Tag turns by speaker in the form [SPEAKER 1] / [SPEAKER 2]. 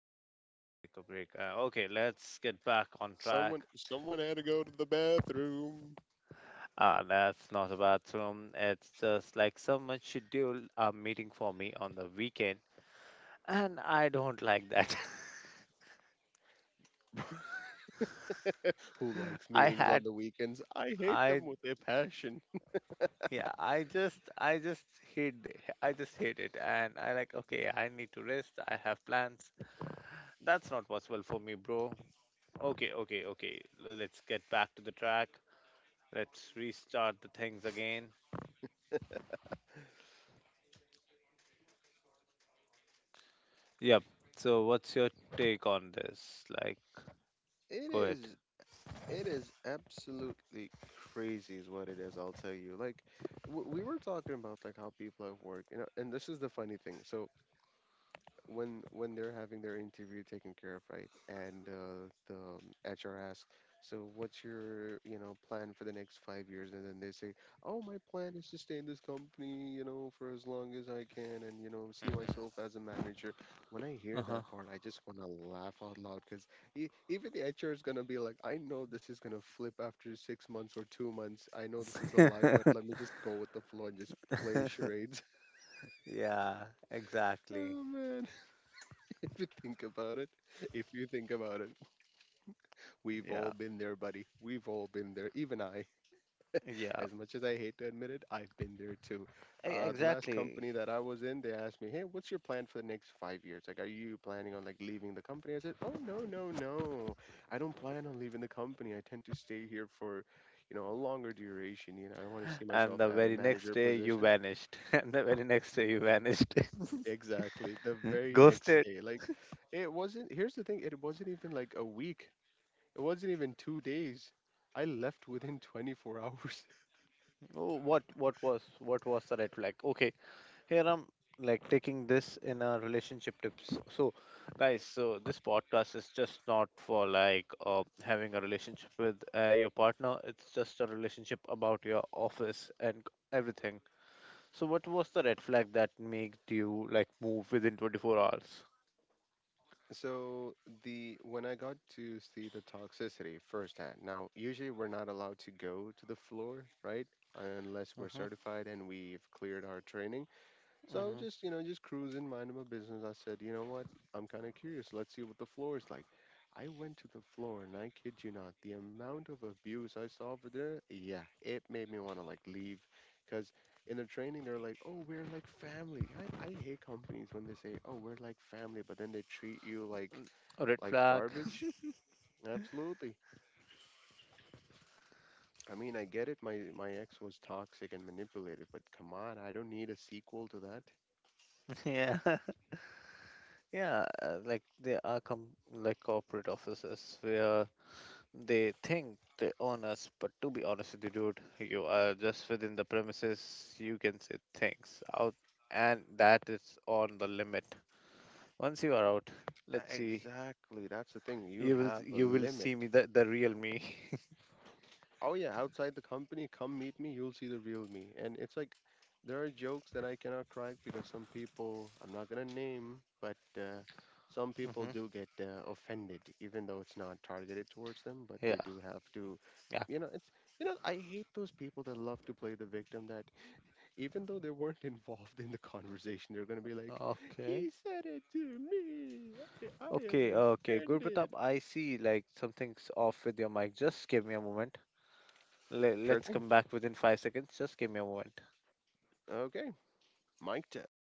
[SPEAKER 1] reason, we had to take a break. Okay, let's get back on track.
[SPEAKER 2] Someone had to go to the bathroom.
[SPEAKER 1] That's not a bathroom. It's just like someone scheduled a meeting for me on the weekend, and I don't like that.
[SPEAKER 2] Who likes
[SPEAKER 1] I
[SPEAKER 2] meetings on
[SPEAKER 1] had,
[SPEAKER 2] the weekends? I hate
[SPEAKER 1] I
[SPEAKER 2] them with a passion.
[SPEAKER 1] yeah, I just hate the, I just hate it, and I like, okay, I need to rest. I have plans. That's not possible for me, bro. Okay, okay, okay. Let's get back to the track. Let's restart the things again. Yep. So what's your take on this? Like,
[SPEAKER 2] It
[SPEAKER 1] go ahead.
[SPEAKER 2] is it is absolutely crazy is what it is, I'll tell you. Like we were talking about like how people at work, you know, and this is the funny thing. So when they're having their interview taken care of, right? And the HR asks, "So what's your, you know, plan for the next 5 years?" And then they say, "Oh, my plan is to stay in this company, you know, for as long as I can, and you know, see myself as a manager." When I hear
[SPEAKER 1] Uh-huh.
[SPEAKER 2] that part, I just want to laugh out loud because even the HR is gonna be like, "I know this is gonna flip after 6 months or 2 months. I know this is a lie, but let me just go with the flow and just play charades."
[SPEAKER 1] yeah, exactly.
[SPEAKER 2] Oh man. You think about it, if you think about it, we've all
[SPEAKER 1] Yeah.
[SPEAKER 2] been there, buddy. We've all been there. Even I,
[SPEAKER 1] Yeah.
[SPEAKER 2] as much as I hate to admit it, I've been there too. The last
[SPEAKER 1] Exactly.
[SPEAKER 2] company that I was in, they asked me, "Hey, what's your plan for the next 5 years? Like, are you planning on like leaving the company?" I said, "Oh no, no, no. I don't plan on leaving the company. I tend to stay here for, you know, a longer duration. You know, I want to see
[SPEAKER 1] And
[SPEAKER 2] myself
[SPEAKER 1] the
[SPEAKER 2] at a
[SPEAKER 1] very next
[SPEAKER 2] manager
[SPEAKER 1] day you
[SPEAKER 2] position."
[SPEAKER 1] vanished. And the very next day you vanished.
[SPEAKER 2] Exactly. The very next
[SPEAKER 1] Ghosted.
[SPEAKER 2] day, like. It wasn't, Here's the thing, it wasn't even like a week. It wasn't even 2 days. I left within 24 hours.
[SPEAKER 1] Oh, what was what was the red flag? Okay. Here I'm like taking this in a relationship tips. So, guys, so this podcast is just not for like having a relationship with your partner. It's just a relationship about your office and everything. So, what was the red flag that made you like move within 24 hours?
[SPEAKER 2] So the When I got to see the toxicity firsthand. Now, usually we're not allowed to go to the floor, right? Unless we're
[SPEAKER 1] Mm-hmm,
[SPEAKER 2] certified and we've cleared our training. So
[SPEAKER 1] mm-hmm.
[SPEAKER 2] just, you know, just cruising, minding my business. I said, you know what? I'm kind of curious. Let's see what the floor is like. I went to the floor and I kid you not, the amount of abuse I saw over there, yeah, it made me want to like leave. Because in the training, they're like, oh, we're like family. I hate companies when they say, oh, we're like family, but then they treat you
[SPEAKER 1] A red
[SPEAKER 2] like
[SPEAKER 1] flag.
[SPEAKER 2] garbage. Absolutely. I mean, I get it. My ex was toxic and manipulative, but come on, I don't need a sequel to that.
[SPEAKER 1] yeah, yeah. Like there are like corporate offices where they think they own us, but to be honest with you, dude, you are just within the premises. You can say things out, and that is on the limit. Once you are out,
[SPEAKER 2] Tha-
[SPEAKER 1] let's see.
[SPEAKER 2] exactly. That's the thing. You
[SPEAKER 1] You will
[SPEAKER 2] have a
[SPEAKER 1] you will
[SPEAKER 2] limit.
[SPEAKER 1] see me the real me.
[SPEAKER 2] Oh yeah, outside the company, come meet me. You'll see the real me. And it's like there are jokes that I cannot crack because some people I'm not gonna name, but some people
[SPEAKER 1] hmm.
[SPEAKER 2] do get offended, even though it's not targeted towards them. But
[SPEAKER 1] Yeah,
[SPEAKER 2] they do have to.
[SPEAKER 1] yeah.
[SPEAKER 2] You know, it's you know, I hate those people that love to play the victim. That even though they weren't involved in the conversation, they're gonna be like,
[SPEAKER 1] Okay.
[SPEAKER 2] "He said it to me. I am
[SPEAKER 1] Okay, okay, Guru Pratap,
[SPEAKER 2] offended."
[SPEAKER 1] I see like something's off with your mic. Just give me a moment.
[SPEAKER 2] Sure
[SPEAKER 1] Let's
[SPEAKER 2] thing.
[SPEAKER 1] come back within 5 seconds. Just give me a moment.
[SPEAKER 2] Okay, mic test.